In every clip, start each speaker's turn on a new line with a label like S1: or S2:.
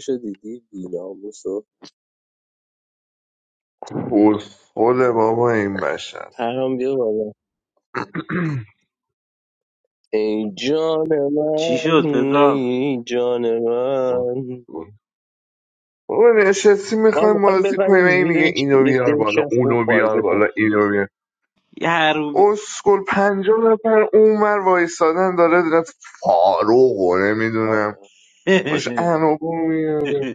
S1: شو دیدی بیناموسو
S2: کسخل بابا این بشر
S1: پرام بیا بالا ای جان
S3: چی شد
S1: من
S3: پدرام
S1: ای جان من
S2: بابا نشستی
S1: ما
S2: میخوایم
S1: میخوایم
S2: بازی کنیم
S1: بزنیم
S2: این میگه
S1: زیرش
S2: اینو
S1: یه
S2: بیار
S1: دکش
S2: بالا
S1: از اون
S2: اونو بیار
S1: پارزه کن
S2: بالا اینو بیار
S3: یه حروبی
S2: اسکل پنجاه نفر اونور وایستادن داره داره فاروق و
S1: آره
S2: نمیدونم باش انوگو میاره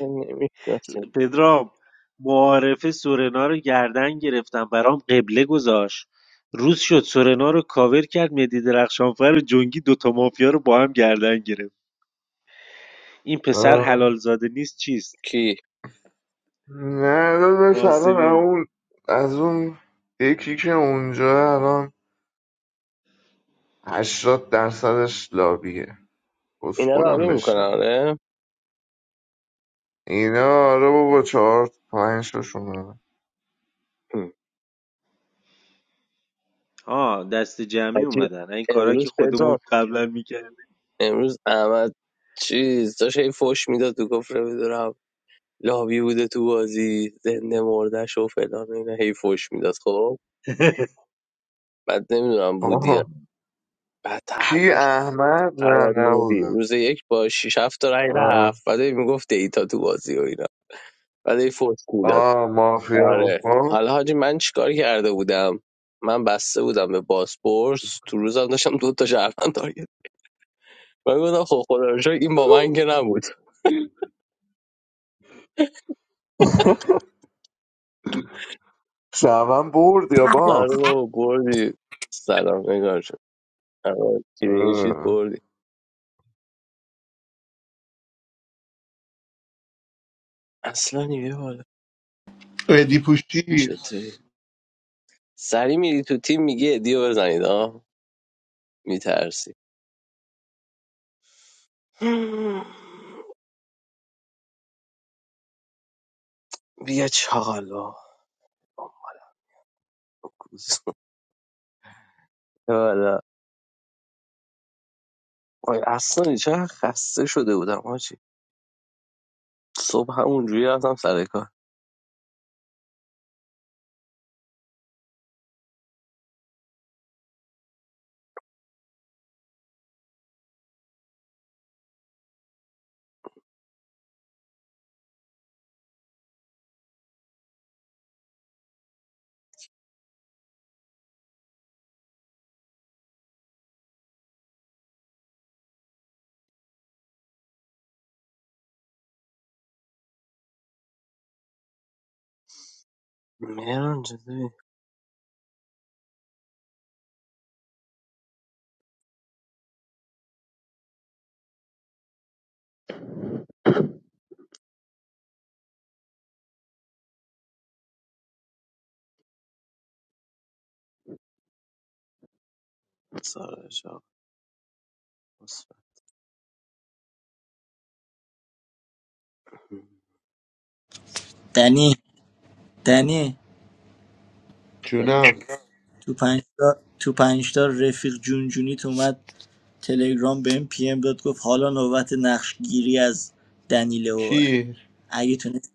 S1: نمیشناسیم
S3: پدرام معارفه سورنا رو گردن گرفتم برام قبله گذاشت روز شد سورنا رو کاور کرد مدی درخشانفر و جنگی دوتا مافیا رو با هم گردن گرفت این پسر
S2: آه.
S3: حلال زاده نیست چیست
S1: کی
S2: نه داداش الان
S3: قاسمی
S2: اون از اون یکی که اونجا الان هشتاد درصدش لابیه
S1: اینا رو
S2: اسکلم
S1: آبی میکنه
S2: بشه
S1: آره
S2: اینا آره بابا چهار تا- پنج تاشونه
S1: هم.
S3: آه دست جمعی
S1: عجیب.
S3: اومدن این کارا که
S1: امروز
S3: خودمون
S1: پدرام
S3: قبلا میکردیم
S1: امروز احمد چیز داشت هی فوش میداد تو گفت رو لابی بوده تو بازی زنده مردش و فلان و اینا هی فوش میداد خب بعد نمیدونم بودی یا
S2: آه.
S1: نه. بعد
S2: کی احمد نه
S1: احمد نوری
S2: نبودم
S1: روز یک با 6 7 تا رای
S2: آه,
S1: رفت بعد هی میگفت دیتا تو بازی و اینا بعد هی فوت میداد
S2: آه مافیا
S1: آره
S2: بکن
S1: حالا حاجی من چیکار کرده بودم من بسته بودم به باسپورس تو روزم داشتم دو تا شهروند تارگت من گفتم خب خدا رو شکر این با من که نبود
S2: شبم برد یا
S1: آره
S2: باخت
S1: بابا بردی سلام نگار شد کلینشیت
S2: اه.
S1: بردی اصلا نیمه بالا
S4: ادی پوشی
S1: چطوری سری میری تو تیم میگه ادیو بزنید آه میترسی بیا چاقال بابا. آره آی اصلا چه خسته شده بودم آجی صبح همونجوری رفتم سر کار مهران چطوری سارا جان.
S5: دنی دنی
S4: جونم
S5: تو پنج تا تو پنج تا رفیق جون جونجونیت اومد تلگرام بهم پی ام داد گفت حالا نوبت نقش گیری از دنیلوه
S4: کی
S5: اگه تونست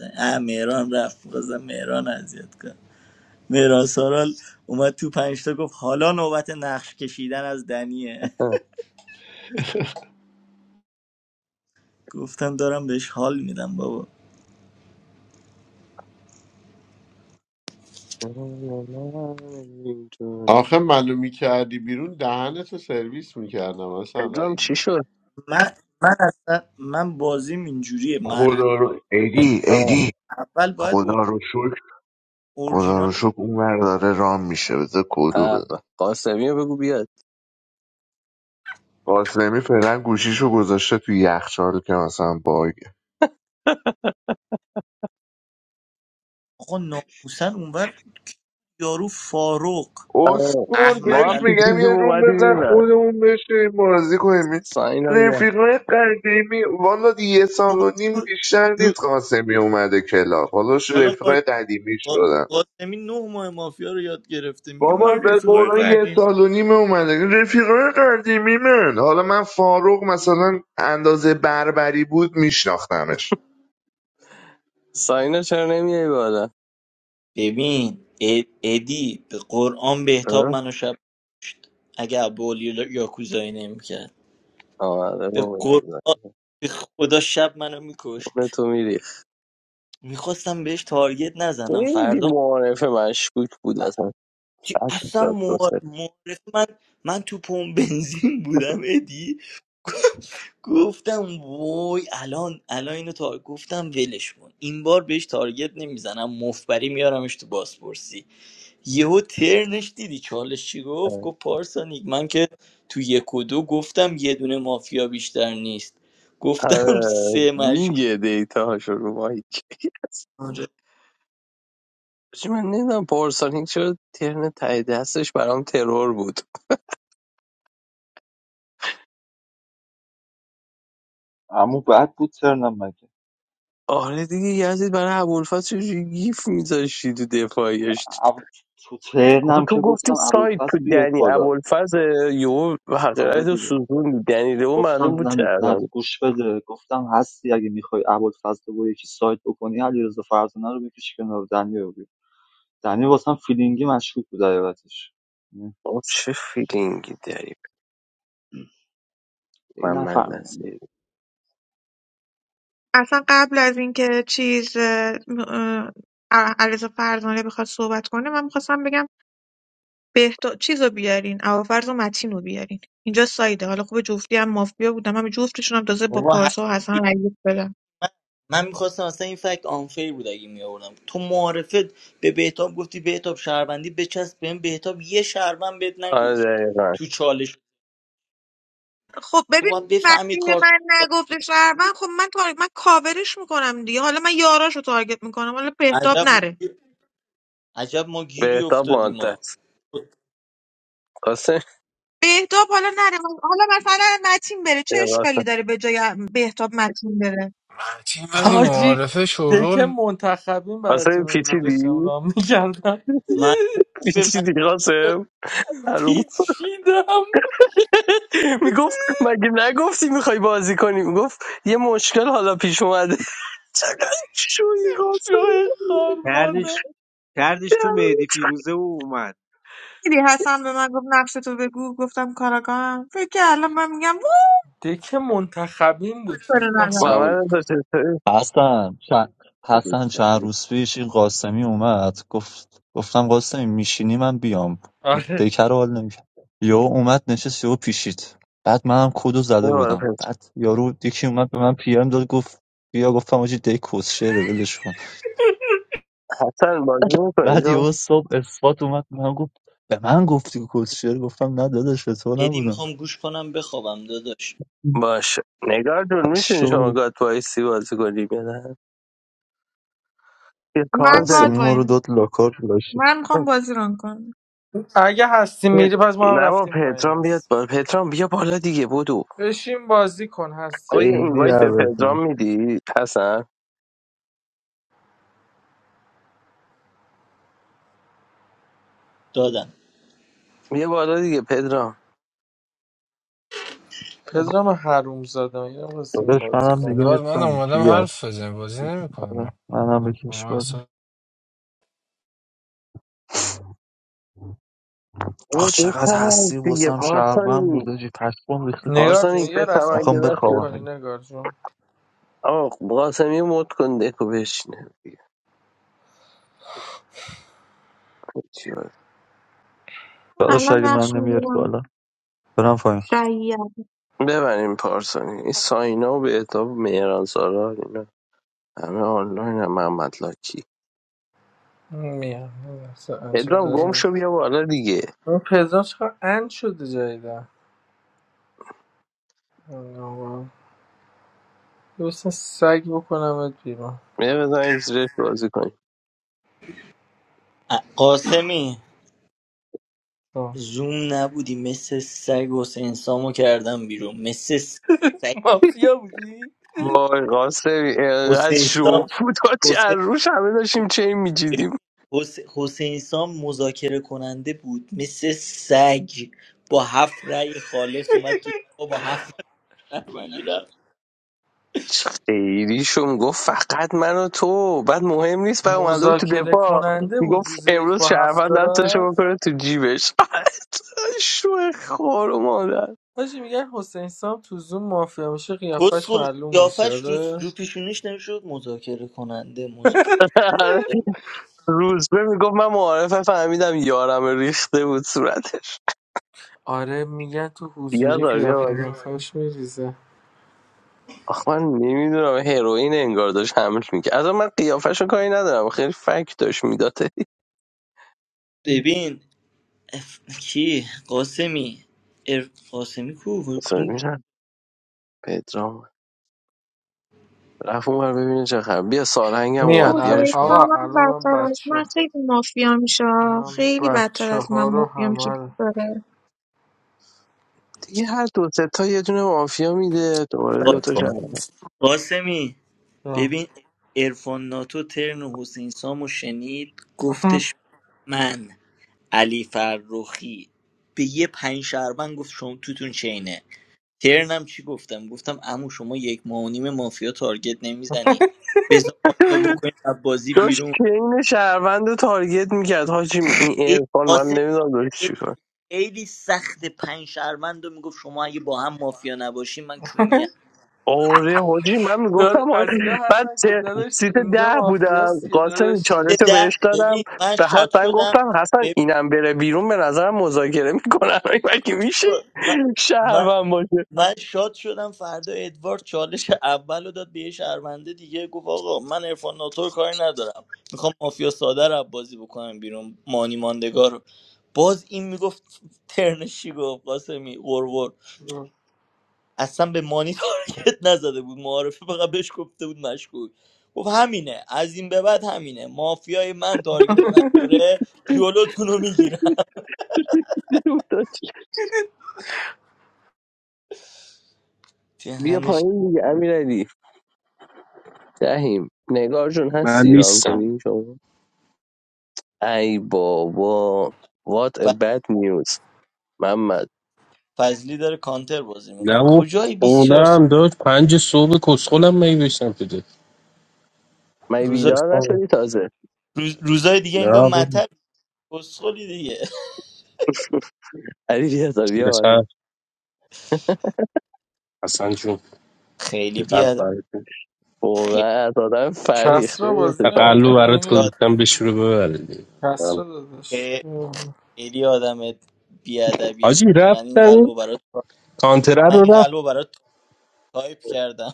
S5: اه مهران رفت بازم مهران اذیت کن مهران سارال اومد تو پنج تا گفت حالا نوبت نقش کشیدن از دنیه گفتم دارم بهش حال میدم بابا
S4: آخه منو میکردی بیرون دهنتو سرویس میکردم اصلا
S1: پدرام چی
S4: رایمی
S1: شد
S5: من من اصلا من بازیم اینجوریه مرحله
S2: خدا رو
S5: یعنی
S2: ادی
S1: آه
S2: ادی
S5: اول
S2: خدا رو شکر
S5: باید
S2: خدا رو شکر اون ور داره رام میشه بذار کدو
S1: اه به.
S2: بده
S1: قاسمی رو بگو بیاد
S2: قاسمی فعلا گوشیشو گذاشته تو یخچال که مثلا باگ
S5: آقا ناموسن اونور یارو فاروق
S1: آه.
S2: اسکول
S1: ما
S5: احمد
S1: هم
S2: بهش
S5: ال
S1: تو
S2: میگم
S1: دیدیم
S2: یه روم
S1: اومدی
S2: بزن
S1: میبرد
S2: خودمون بشیم بازی کنیم این
S1: ساینا بیا
S2: رفیقای قدیمی والا یه سال
S5: بابا
S2: و نیم
S5: جو...
S2: بیشتر
S5: جو...
S2: نیست قاسمی اومده کلاب حالا ش-
S5: حالا با...
S2: رفیقای قدیمی
S5: با-
S2: شدن
S5: قاسمی نه ماه مافیا رو یاد گرفته میگه
S2: بابا
S5: من
S2: به
S5: رفیقای
S2: قرآن یه
S5: قدیم
S2: سال و نیم اومده رفیقای قدیمی من حالا من فاروق مثلا اندازه بربری بود میشناختمش
S1: ساینا چرا نمیای بالا
S5: ببین ا- ادی به قرآن بهتاب
S1: اه؟
S5: منو شب اگه ابولی یاکوزایی نمیکرد
S1: آره
S5: به
S1: بابا
S5: قرآن به خدا شب منو
S1: اون
S5: میکشت
S1: تو میری
S5: میخواستم بهش تارگت نزنم
S1: خیلی
S5: فردا
S1: معارف مشکوک بود اصلا
S5: چی-
S1: فکر
S5: اصلا
S1: داد
S5: مو-
S1: تو سه
S5: معارف من من تو پمپ بنزین بودم ادی گفتم وای الان الان اینو تا گفتم ولش کن این بار بهش تارگت نمیزنم مفبری میارمش تو بازپرسی یهو ترنش دیدی چالش چی گفت گفت پارسانیک من که تو یک و دو گفتم یه دونه مافیا بیشتر نیست گفتم
S1: آره
S5: سه مشکوک
S1: میگه دیتا هاشو رو مایک
S5: آره.
S1: چی من نمیدونم پارسانیک چرا ترن ته دستش برام ترور بود
S6: اما بعد بود ترنم مگه
S1: آره دیگه یزید برای ابوالفضل چجوری گیف میذاشتی تو دفاعیش
S6: اب- تو
S1: آخه
S6: ترنم
S1: تو
S6: که
S1: گفتی
S6: گفتم
S1: سایت تو
S6: ابوالفضل بیاد
S1: دنی
S6: بالا
S1: ابوالفضل یهو
S6: آره
S1: حقیقت رو
S6: دیگه
S1: سوزون دنی رو معلوم
S6: گفتم
S1: بود چه
S6: نه نه
S1: الان
S6: گوش بده گفتم هستی اگه میخوای ابوالفضل با یکی سایت بکنی علیرضا فرزانه رو بکش کنار دنیا رو بیار دنیا واسم فیلینگی مشکوک بود حقیقتش نه،
S1: آه، چه فیلینگی داری
S6: دیگه
S1: من من
S6: نفهمیدم
S1: نصیری
S7: اصلا قبل از اینکه چیز اه، اه، علیرضا فرزانه بخواد صحبت کنه من میخواستم بگم بهتا چیزو بیارین اوافرز و متین رو بیارین اینجا سایده حالا خوب جفتی هم مافیا بودم هم جفتشون هم تازه با
S5: بابا
S7: پارسا و حسن
S5: هستی.
S7: رأیت بدم
S5: من من میخواستم اصلا این فکت آنفیر بود اگه میآوردم تو معارفت به بهتاب گفتی بهتاب شهروندی بچسب بهم بهتاب یه شهروند بهت نگفت
S1: آره دقیقا
S5: تو
S7: خب
S5: تو باید
S7: ببین
S5: بفهمی
S7: وقتی به
S5: کارتون
S7: من نگفته
S5: انداختی.
S7: شهروند خب من تار... من کاورش میکنم دیگه حالا من یاراشو تارگت میکنم حالا بهتاب
S5: عجب ما
S7: نره
S5: گیر- عجب ما گیری
S1: بهتاب
S5: افتادیم ما
S1: مادت قاسم
S7: بهتاب حالا نره حالا مثلا متین بره چه
S1: دقیقا.
S7: اشکالی داره به جای بهتاب متین بره
S8: تیم ولی
S9: حاجی
S8: معارفه
S9: دکه
S8: شورول
S9: منتخبین
S1: قاسم
S9: براتون اونجا داشتم
S1: پیچیدی؟
S9: رام میکردم
S5: من به من
S1: پیچیدی
S5: داد.
S1: قاسم معلوم
S9: پیچیدم
S1: میگفت مگه نگفتی میخوای بازی کنی میگفت یه مشکل حالا پیش اومده چقدر شوی قاسم
S9: شوی خار مادر
S3: کردش کردش تو مهدی فیروزه و اومد
S7: دیدی حسن به من گفت نقش تو بگو گفتم کاراگاهم فکر که الان من میگم وای
S9: دکه منتخبین بود
S7: سر
S9: فکر کنم.
S7: ندارم
S10: سلام
S1: محمد رضا چطوری؟
S6: حسن چند حسن چند
S10: علیکم.
S6: روز پیش این قاسمی اومد گفت گفتم قاسمی میشینی من بیام
S9: آره
S6: دیکر رو حال نمیکرد یهو اومد نشست یهو پیشید بعد منم کدو
S1: یه
S6: زده بودم
S1: معرفت.
S6: بعد یارو یکی اومد به من پی ام داد گفت بیا گفتم آجی دی کسشعره ولش کن
S1: حسن بازی میکنی
S6: بعد
S1: تو
S6: یهو صبح اثبات اومد به من گفت به من گفتی کسشعر گفتم نه داداش به تو
S5: ادی
S6: نبودم
S5: میخوام گوش کنم بخوابم داداش
S1: باشه نگار جون میتونی شما
S6: شو
S1: گاد وایسی بازی کنی یا نه یه کار
S7: من
S1: داری
S6: قاسمی
S7: گاد
S6: ما رو داد
S7: وایم
S6: لاکار لاشی
S7: من میخوام بازی ران کنم
S9: اگه هستی
S1: پت-
S9: میری پس ما هم
S1: نه با
S9: رفتیم پایین
S1: پدرام بیاد
S9: هستی
S1: با
S9: جون
S1: پدرام بیا بالا دیگه بودو
S9: بشین بازی کن هستی
S1: آقا یه
S9: جون
S6: خیلی
S1: اینوایت به
S9: لطفا
S6: عوضی
S1: پدرام میدی حسن
S5: دادم
S1: بیا بالا دیگه پدرام
S9: پدرم حروم زاده یه بشین
S6: داداش
S9: بازی
S6: منم دیگه
S9: کنم
S8: ادوارد من
S6: نیستم
S8: اومدم
S6: چی
S8: حرف بزنیم بازی
S6: آره، منم به کش
S8: نمیکنم
S6: بردم
S1: او
S6: آخ چقدر
S1: بکنم
S6: هستی
S1: دیگه
S6: واسم شهروند
S1: پارسانی
S6: بود آجی پشمام ریخته
S9: نگار جون
S1: پارسانیک به
S9: یه
S1: تمنگ
S9: رسانه
S6: میخوام
S9: مد
S6: بخوابم
S1: دسته
S9: میکنی
S6: بگیم
S9: نگار جون
S1: آه قاسمی مد کن دکو بشینه چی باید؟
S6: داداش
S7: الان
S6: اگه من
S7: نقش
S6: نمیاری
S7: میگیرم
S6: بالا برم پایین
S7: شاید
S1: ببریم پارسانی این ساینا و به اتاب مهران سالار اینا همه آنلاین هم محمد لاکی
S9: میام یه لحظه
S1: پدرام گم
S9: عجله.
S1: شو بیا بالا دیگه
S9: اون پدرم چقدر اند شده جدیدن آقا. درستن سگ بکنمت بیرون
S1: بیا بزنیم زیرش بازی کنیم
S5: ا- قاسمی
S9: آه.
S5: زوم نبودی مثل سگ حسین سامو کردم بیرون مثل سگ
S9: مافیا بودی؟
S1: وای قاسمی اینقدر
S5: حسین
S1: شو
S5: سام
S1: بود تا چه از
S5: حسین
S1: روش همه داشتیم چه
S5: ببین،
S1: میجیدیم
S5: حس- حسین سام مذاکره کننده بود مثل سگ با هفت رأی خالص اومد تو دفاع، با هفت رأی من
S1: خیلیشون گفت فقط من و تو بعد مهم نیست بعد اومده بود تو
S9: مذاکره
S1: دفاع
S9: کننده بود
S1: گفت
S9: روز یک
S1: امروز
S9: با
S1: شرفن
S9: هفته
S1: دستشو
S9: رفت
S1: بکنه تو جیبش شو خور و مادر
S9: حاجی میگن حسین سام تو زوم مافیا میشه قیافش
S5: کسخل
S9: معلوم میشه
S5: قیافش رو,
S9: آره
S5: رو پیشونیش نمیشد مذاکره کننده مذاکره
S1: روزبه میگفت من معارفه فهمیدم یارم ریخته بود صورتش
S9: آره میگن تو
S1: بیا
S9: حضوری
S1: دار بیا
S9: قیافه
S1: بالا.
S9: قیافش میریزه
S1: آخ من نمیدونم هروئین انگار داشت حمل میکرد از من قیافش کاری ندارم خیلی فک داشت میداد
S5: ببین اف... کی قاسمی ار... قاسمی کو وای،
S1: سر
S5: کدوم گو-
S1: میشن پدرام رفت اونور ببینه چه خبر بیا سارهنگم اومد
S9: میان ال...
S7: حوصله
S1: بیارش
S9: آقا
S7: من
S9: الان من
S7: بدتر از من
S9: بچه
S7: خیلی مافیا میشه
S9: من
S7: خیلی بدتر
S9: بچه
S7: از
S9: ها
S7: من
S9: رو
S7: مافیام کی
S9: همه رو-
S7: داره
S1: دیگه هر دو سه تا یه دونه مافیا میده دوباره دو تا
S5: قاسم-
S1: شهر
S5: قاسمی
S9: آه.
S5: ببین ارفان ناتو ترن حسین سامو شنید گفتش من علی فرخی به یه پنج شهروند گفت شما توتون چینه ترنم چی گفتم گفتم امو شما یک ماه و نیم مافیا تارگت نمیزنی بذار ما اینو بکنیم از بازی
S1: داشت
S5: بیرون
S1: کین شهروند رو تارگت میکرد حاجی این
S5: ای
S1: ارفان من
S5: قاسم
S1: نمیدونم داشت چیکار
S5: خیلی سخت پنج شهروند رو میگفت شما اگه با هم مافیا نباشین من کونیم
S1: آره حاجی من
S9: داد
S1: میگفتم
S9: از اینا
S1: آره. بعد
S9: هستن که
S1: چه-
S9: داداشی
S1: سیت
S9: اینجا
S1: ده بودم
S9: مافیاست مافیاستیه
S1: قاسم چالش
S5: سیت
S1: رو
S5: ده
S1: بهش دادم
S5: ببین من
S1: به
S5: شاد
S1: حسن
S5: شدم
S1: گفتم حسن
S5: ببین
S1: اینم بره بیرون به نظرم مذاکره میکنن مگه
S5: گوش
S1: میشه
S5: کن. من, من,
S1: شهروند باشه
S5: من شاد شدم فردا ادوارد چالش اول رو داد به یه شهرونده دیگه گفت آقا من ارفان ناتور کاری ندارم میخوام مافیا ساده رو بازی بکنم بیرون مانی ماندگار رو باز این میگفت ترنشی گفت قاسمی قرقر
S9: داداشی
S5: اصلا به مانی تارگت نزده بود معارفه فقط بهش گفته بود مشکوک گفت همینه از این به بعد همینه مافیای من تارگت نخوره جلوتون رو میگیرم
S1: بیا
S5: دهنش
S1: پایین دیگه امیرعلی دهیم نگار جون هست
S10: من
S1: سیران
S10: نیستم
S1: کنیم شما ای بابا what a
S5: ف-
S1: bad news محمد
S5: فضلی داره کانتر بازی
S10: نه
S5: میکنه
S10: و
S5: کجای 24 سال
S10: خوردم داد پنج صبح کسخولم می بشتم تو
S1: من
S5: روزای,
S1: بیدار نشدی تازه
S5: روز- روزای دیگه انگار
S10: نه بود
S5: مطب بسخولی دیگه
S1: علی بیازار بیا بالا
S10: حسن حسن جون
S5: خیلی
S10: یه قلب
S5: بیاد
S10: برات
S5: خیلی
S1: واقعا از آدم فرهیخته
S9: کسرا بازی
S1: مثل تو.
S10: قلب برات
S9: نمیکنی؟
S5: آدم
S10: گذاشتم به شروع ببرد
S9: کسرا دادش
S5: خیلی آدم بیادبی
S10: حاجی
S5: من این
S10: رفتم
S5: قلبو برات
S10: کانتره
S5: من این
S10: رو رفت
S5: قلبو برات تایپ کردم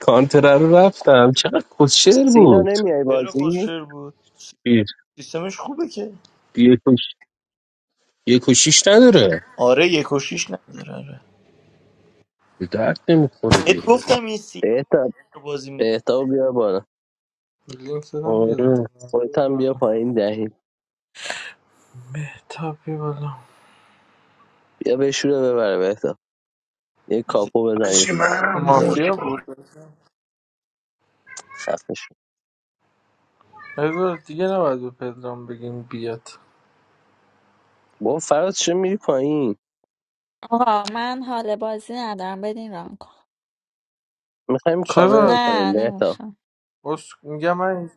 S10: کانتره رو رفتم چقدر کسشر
S1: سینا
S10: بود
S1: نمیای
S5: چرا
S1: بازی
S5: خوشر بود
S10: یه
S5: سیستمش خوبه که
S10: یه کش یه کشیش نداره
S5: آره یک و شیش نداره آره
S10: به درد نمیخوره
S5: بهت
S10: دیگه
S5: گفتم این سی
S1: بهتاب
S5: رو بازی میکنه
S1: بهتاب بیا بالا
S9: لینک دادم بیاد
S10: آره
S1: خودت هم بیا
S9: بالا.
S1: پایین دهیم.
S9: مهتاب بیا بالا
S1: بیا بشوره ببره بهتاب یه کاپو بزنی
S2: آجی منم موت
S9: مافیا
S2: کن
S9: بود
S1: خفش
S9: ادوارد دیگه نباید به پدرام بگیم بیاد
S1: با فراز چه میری پایین
S11: آقا من حال بازی ندارم بدین ران کن
S1: میخوایم کاور
S9: چرا؟
S11: نه
S1: کنیم بهتاب
S11: نمیخوام
S9: بس میگم من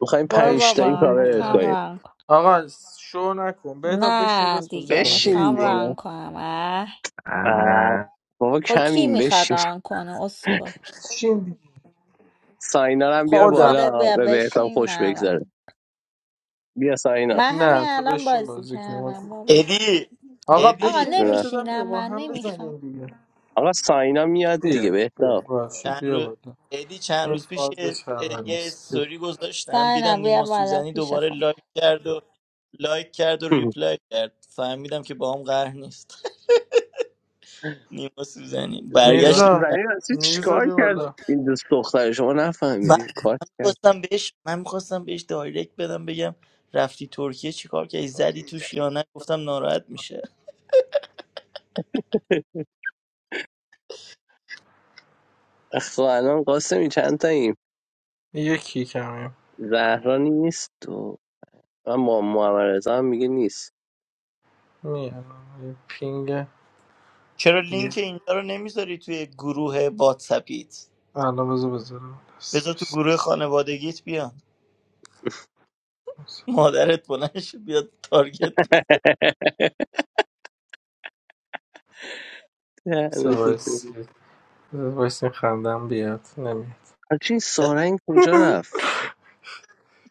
S1: میخوایم
S11: برو
S1: پنج
S9: بشین
S1: تایی
S11: بابا
S1: کاور
S9: دیگه
S11: میخوام
S1: کنیم
S11: ران کن
S9: آقا شو نکن بهتاب بشین
S11: نه
S9: دست بازی
S11: دیگه
S9: کن
S1: بشین
S11: میخوام
S9: درست
S11: ران
S1: دیگه
S9: با
S11: کنم اه.
S1: آه.
S2: اه.
S1: بابا
S11: خب کی
S1: کمیم بشین
S11: میخواد ران کنه اسکو
S9: بشین دیگه
S1: ساینا رو هم بیار
S11: خب
S9: خودم
S11: خودت
S1: بالا
S11: بیا
S1: به بهتاب
S11: بشین
S1: خوش
S11: من
S1: بگذره
S11: ران
S1: بیا ساینا
S11: من همین
S9: نه تو
S11: الان
S9: بشین
S11: بازی
S9: بازی کن
S11: کردم بابا
S5: ادی
S9: آقا
S11: آقا
S5: ادی
S9: بشین لینک
S1: جونه.
S9: دادم بیا
S11: نمیشینم
S9: با
S11: من
S9: هم بزنیم
S11: نمیخوام
S9: دیگه
S1: آقا ساینا میاد دیگه
S9: بیا
S1: بهتاب
S9: بیا باشه
S5: چند
S9: بیا
S5: رو
S9: بالا
S5: ادی چند
S9: این
S5: روز پیش
S9: فاز
S5: یه,
S9: شهر
S5: یه
S9: نیست بیا.
S5: استوری گذاشتم
S11: ساینا
S5: دیدم
S11: بیا
S5: نیما
S11: بالا
S5: سوزنی
S11: پیش
S5: دوباره
S11: خود
S5: لایک کرد و لایک کرد و ریپلای کرد فهمیدم که با هم قهر نیست نیما سوزنی
S1: نیما
S5: برگشت
S9: میرزا
S1: زنی راستی
S9: میرزا
S1: چیکار
S9: بیا
S1: کرد
S9: بالا
S1: این دوست دختر شما
S5: من
S1: نفهمیدیم کارت کرد
S5: میخواستم بهش من میخواستم بهش دایرکت بدم بگم رفتی ترکیه چیکار کردی زدی توش یا نه گفتم ناراحت میشه
S1: خب الان قاسمی چند تاییم
S9: یکی کمیم
S1: زهرا نیست و و ما محمد رضا هم میگه نیست
S9: میانم یه پینگ
S5: چرا لینک اینجا رو نمیذاری توی گروه واتسپیت
S9: الان بذار بذارم دست
S5: بذار تو
S9: بایست.
S5: گروه خانوادگیت بیان مادرت بلند شد بیاد تارگت
S1: دهنه تو
S9: سوایس
S1: سرویس.
S9: سوایس این خندم بیاد نمیاد
S1: حاجی این
S5: کنه.
S1: سارنگ کجا رفت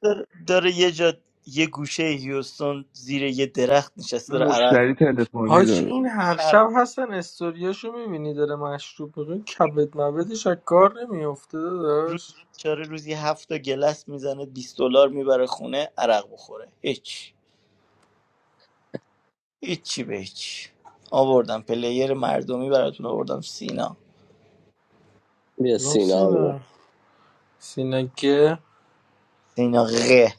S5: داره, داره یه جا یه گوشه هیوستون زیر یه درخت نشسته داره عرق
S2: مشتری تلفنی
S9: حاجی
S2: داره
S9: این هر
S5: عرق
S9: شب هستن استوریاشو میبینی داره مشروب میگه کبد مبدش از کار نمیافته
S5: روز
S9: داداش
S5: چاره روزی هفت تا گلس میزنه 20 دلار میبره خونه عرق بخوره هیچ هیچی به هیچ آوردم پلیر مردمی براتون آوردم سینا
S1: بیا
S9: کدوم
S1: سینا بیا
S9: سینا سینا گه
S5: سینا غه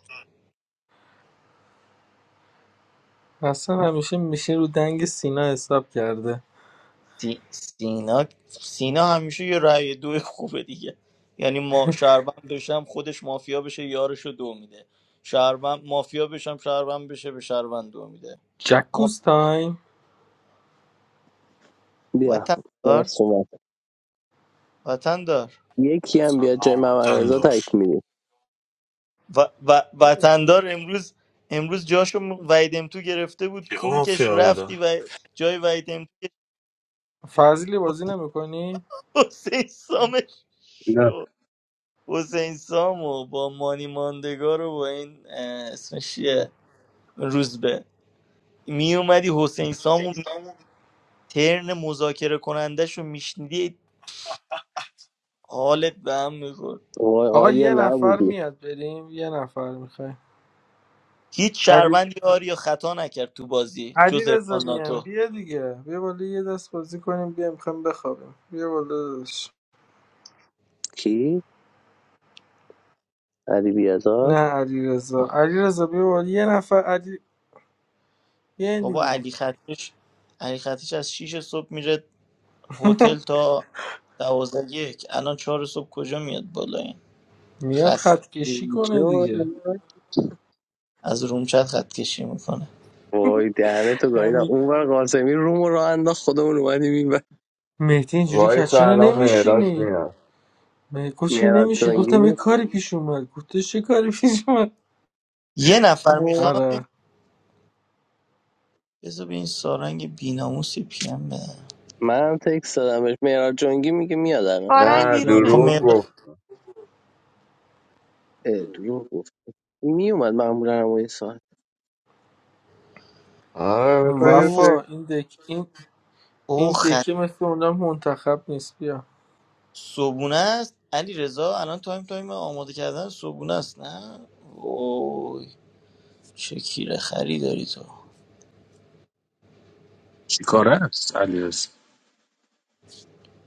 S9: حسن همیشه میشه رو دنگ سینا حساب کرده
S5: سی- سینا سینا همیشه یه رأی دو خوبه دیگه یعنی ما شهروند بشم خودش مافیا بشه یارشو دو میده شهروند مافیا بشم شهروند بشه به شهروند دو میده ما...
S9: جکوز تایم
S1: بیا
S5: وطندار
S1: درست اومد
S5: وطندار
S1: یکی هم بیا جای
S12: سلام
S1: محمد
S12: وطن
S1: رضا تک
S12: داشت
S1: میدیم
S5: و... و... وطندار امروز امروز جاشو ویدم تو گرفته بود
S12: کیا
S5: کونکش
S12: مافیا
S5: رفتی
S12: بودم
S5: و جای ویدم تو
S9: فضلی بازی نمیکنی؟
S5: حسین سامش
S10: نه
S5: شد حسین سامو با مانی ماندگار و با این اه، اسمش چیه روزبه می اومدی حسین سامو ترن مذاکره کنندش رو میشنیدی حالت به هم میخورد
S1: وای
S9: آقا
S1: آریا
S9: یه نفر
S1: نبودی
S9: میاد بریم یه نفر میخوای؟
S5: هیچ
S9: علی
S5: شهروندی یاری یا خطا نکرد تو بازی
S9: علی
S5: جز
S9: رضا
S5: ارفان
S9: بیام
S5: ناتو
S9: بیا دیگه بیا بالا یه دست بازی کنیم بیا میخوایم بخوابیم بیا بالا داداش.
S1: کی علی
S9: نه
S1: بیازار
S9: علی رضا علی رضا بیا بالا یه نفر علی بیا
S5: بابا
S9: دیگه
S5: علی خطش علی خطش از شیش صبح میره هتل تا 12 یک الان چهار صبح کجا میاد بالا این
S9: میاد
S5: خسته
S9: خط کشی کنه
S1: اینجا
S9: دیگه
S5: از رومچت خط کشی میکنه
S1: وای دهنه تو گاییدم
S9: همین.
S1: اونور قاسمی روم رو راه انداخت خودمون اومدیم این
S9: مهدی اینجوری
S2: وای
S9: کرد چرا
S2: الان معراج
S9: نمیشینی
S2: میاد
S9: مگه چرا
S1: میراد
S9: نمیشینی گفتم یه
S1: جنگی
S9: کاری پیش اومد گفتش چه کاری پیش اومد
S5: یه نفر میخواد
S9: آره
S5: بذار به این سارنگ بیناموسی پیم بدم
S1: منم تکس دادم بهش میراد جنگی میگه میاد الان
S7: آرنگ
S2: نه
S5: خب
S7: بیرونه
S2: دروغ
S9: جان
S5: مهراج
S1: اه، دروغ گفت میومد معمولا هم این ساعت
S2: آره میخوای یه
S5: اوه
S9: وفا
S2: فکر-
S9: این دک این این
S5: اوه
S9: دکه مثل اونم منتخب نیست بیا
S5: صبونه است علی رضا الان تایم تایم آماده کردن صبونه است نه وای چه کیره خری داری تو
S10: چیکاره است علیاس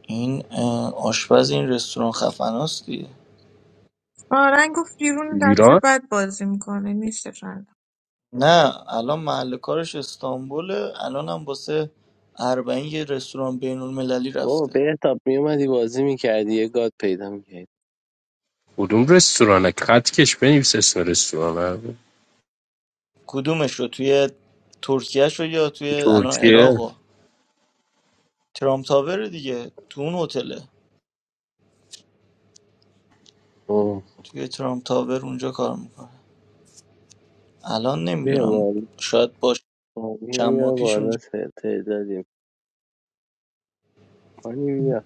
S5: این اه، آشپز این رستوران خفناست دیگه
S7: آرنگ گفت بیرون دست
S10: ایران
S7: بعد بازی میکنه نیستش الان.
S5: نه الان محل کارش استانبوله الان هم واسه اربعین یه رستوران بین المللی
S1: بابا
S5: رفته
S1: بهتاب میومدی بازی میکردی یه گاد پیدا میکردی
S10: کدوم رستورانه خط کش بنویس اسم رستورانه
S5: کدومش رو توی ترکیهش رو یا توی الان
S10: ترکیه
S5: عراق ترامپ تاور دیگه تو اون هتله
S10: آه.
S5: توی ترامپ تاور اونجا کار میکنه الان
S1: بیا
S5: نمیدونم
S1: بالا
S5: شاید باشه
S1: آه، بیا
S5: چند ماه
S1: بیا
S5: پیش
S1: بالا ت- تعدادیم مانی بیا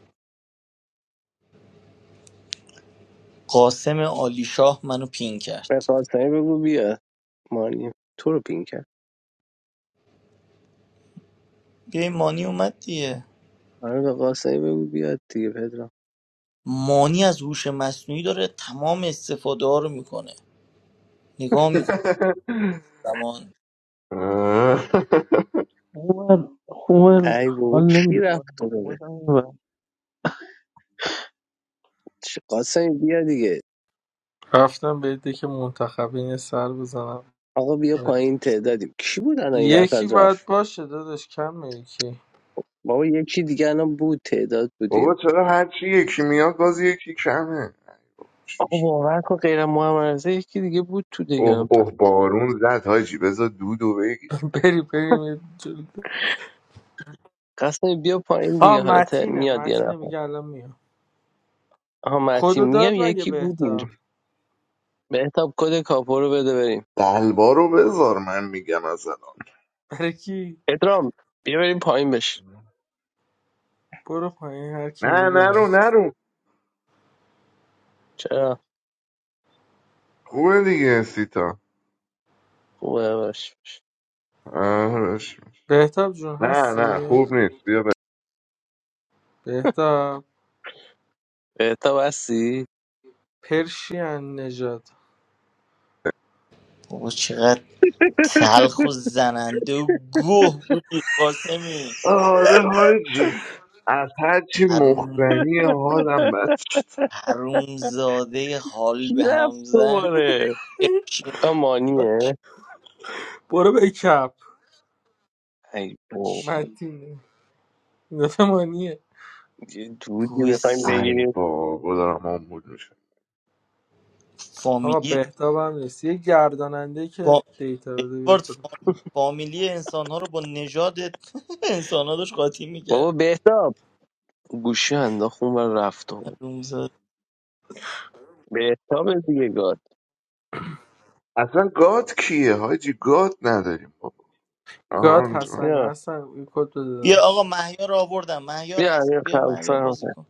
S5: قاسم عالیشاه منو پین
S1: به
S5: کرد
S1: قاسمی بگو بیا مانی تو رو پین کرد
S5: بیاین مانی اومد دیگه
S1: آره به قاسمی بگو بیاد دیگه پدرام
S5: مانی از هوش مصنوعی داره تمام استفاده ها رو میکنه نگاه میکنه زمان
S2: آه.
S13: Juan, Juan,
S1: ای بابا
S13: I'll name
S1: کی
S13: the
S1: رفت خدابه
S13: one.
S1: چه- قاسم بیا دیگه
S9: رفتم به دک منتخبین یه سر بزنم
S1: آقا بیا
S9: آره.
S1: پایین تعدادیم کی بود الان این
S9: یکی
S1: وسط
S9: باید
S1: رفت
S9: باشه داداش کم یکی
S1: بابا یکی دیگه الان بود تعداد بودیم
S2: بابا چرا هرچی یکی میاد باز یکی کمه
S1: آقا باور کن غیر محمد رضا یکی دیگه بود تو دیگه
S2: اوه
S1: الان پ-
S2: اوه بارون زد حاجی بذار دودو بگیر
S9: بری بریم یه جل-
S1: قاسم بیا پایین
S9: آه
S1: دیگه حالا ت-
S9: متینه
S1: میاد یه
S9: متینه
S1: نفر
S9: میگه الان میام
S1: آها متی
S9: کدو داد
S1: میگم
S9: مگه
S1: یکی بود اینجا
S9: بهتاب
S1: بهتاب کد کاپو رو بده بریم
S2: دلبا رو بذار من میگم از الان
S9: برای کی
S1: ادرام بیا بریم پایین بش
S9: برو پایین هر کی میده
S2: نه
S9: بره
S2: نرو نرو
S1: چرا
S2: خوبه دیگه سیتا
S1: خوبه باش باش.
S2: آرش.
S9: بهتاب جون
S2: نه نه
S9: هستی
S2: خوب نیست بیا ب...
S9: بهتاب
S1: بهتاب هستی
S9: پرشین نژاد
S5: بابا چقدر تلخ و زننده و گوه بودی قاسمی
S2: آره حاجی از هرچی
S5: حروم
S2: مخبنی حالم بد شد
S5: حروم زاده حال
S1: کی
S5: به هم
S1: رفت
S5: زن
S1: دوباره
S5: ارکیان
S1: آه،
S5: ها
S1: مانیه
S5: چی-
S9: برو به کپ
S1: ای بابا
S5: چی
S9: متینه نفهمانیه
S1: یه دودی
S5: گوه
S1: میخوایم
S5: س-
S2: ای
S1: بگیریم
S2: بابا دارم آمبول میشم
S9: آقا
S5: فامیلی
S9: بهتاب هم نیست یه گرداننده که
S5: فا...
S9: دیتا بده
S5: ادوارد
S9: بیاد بالا
S5: فام- فامیلی انسان ها رو با نژاد انسان ها داشت قاطی
S1: بابا
S5: میکرد
S1: بهتاب گوشی انداخت اون و رفت و
S5: حروم زاده
S1: بهتاب دیگه گاد
S2: اصلا گاد کیه حاجی گاد نداریم بابا
S9: گاد
S2: آهان.
S9: حسن
S1: بیا
S9: حسن یه کد بده
S5: بیا آقا
S9: داداش
S5: مهیار آوردم مهیار
S1: بیا
S5: هست
S1: امیر
S5: بیا
S1: خمسه
S5: مهیار
S1: هم
S5: بازی
S1: هست.
S5: کن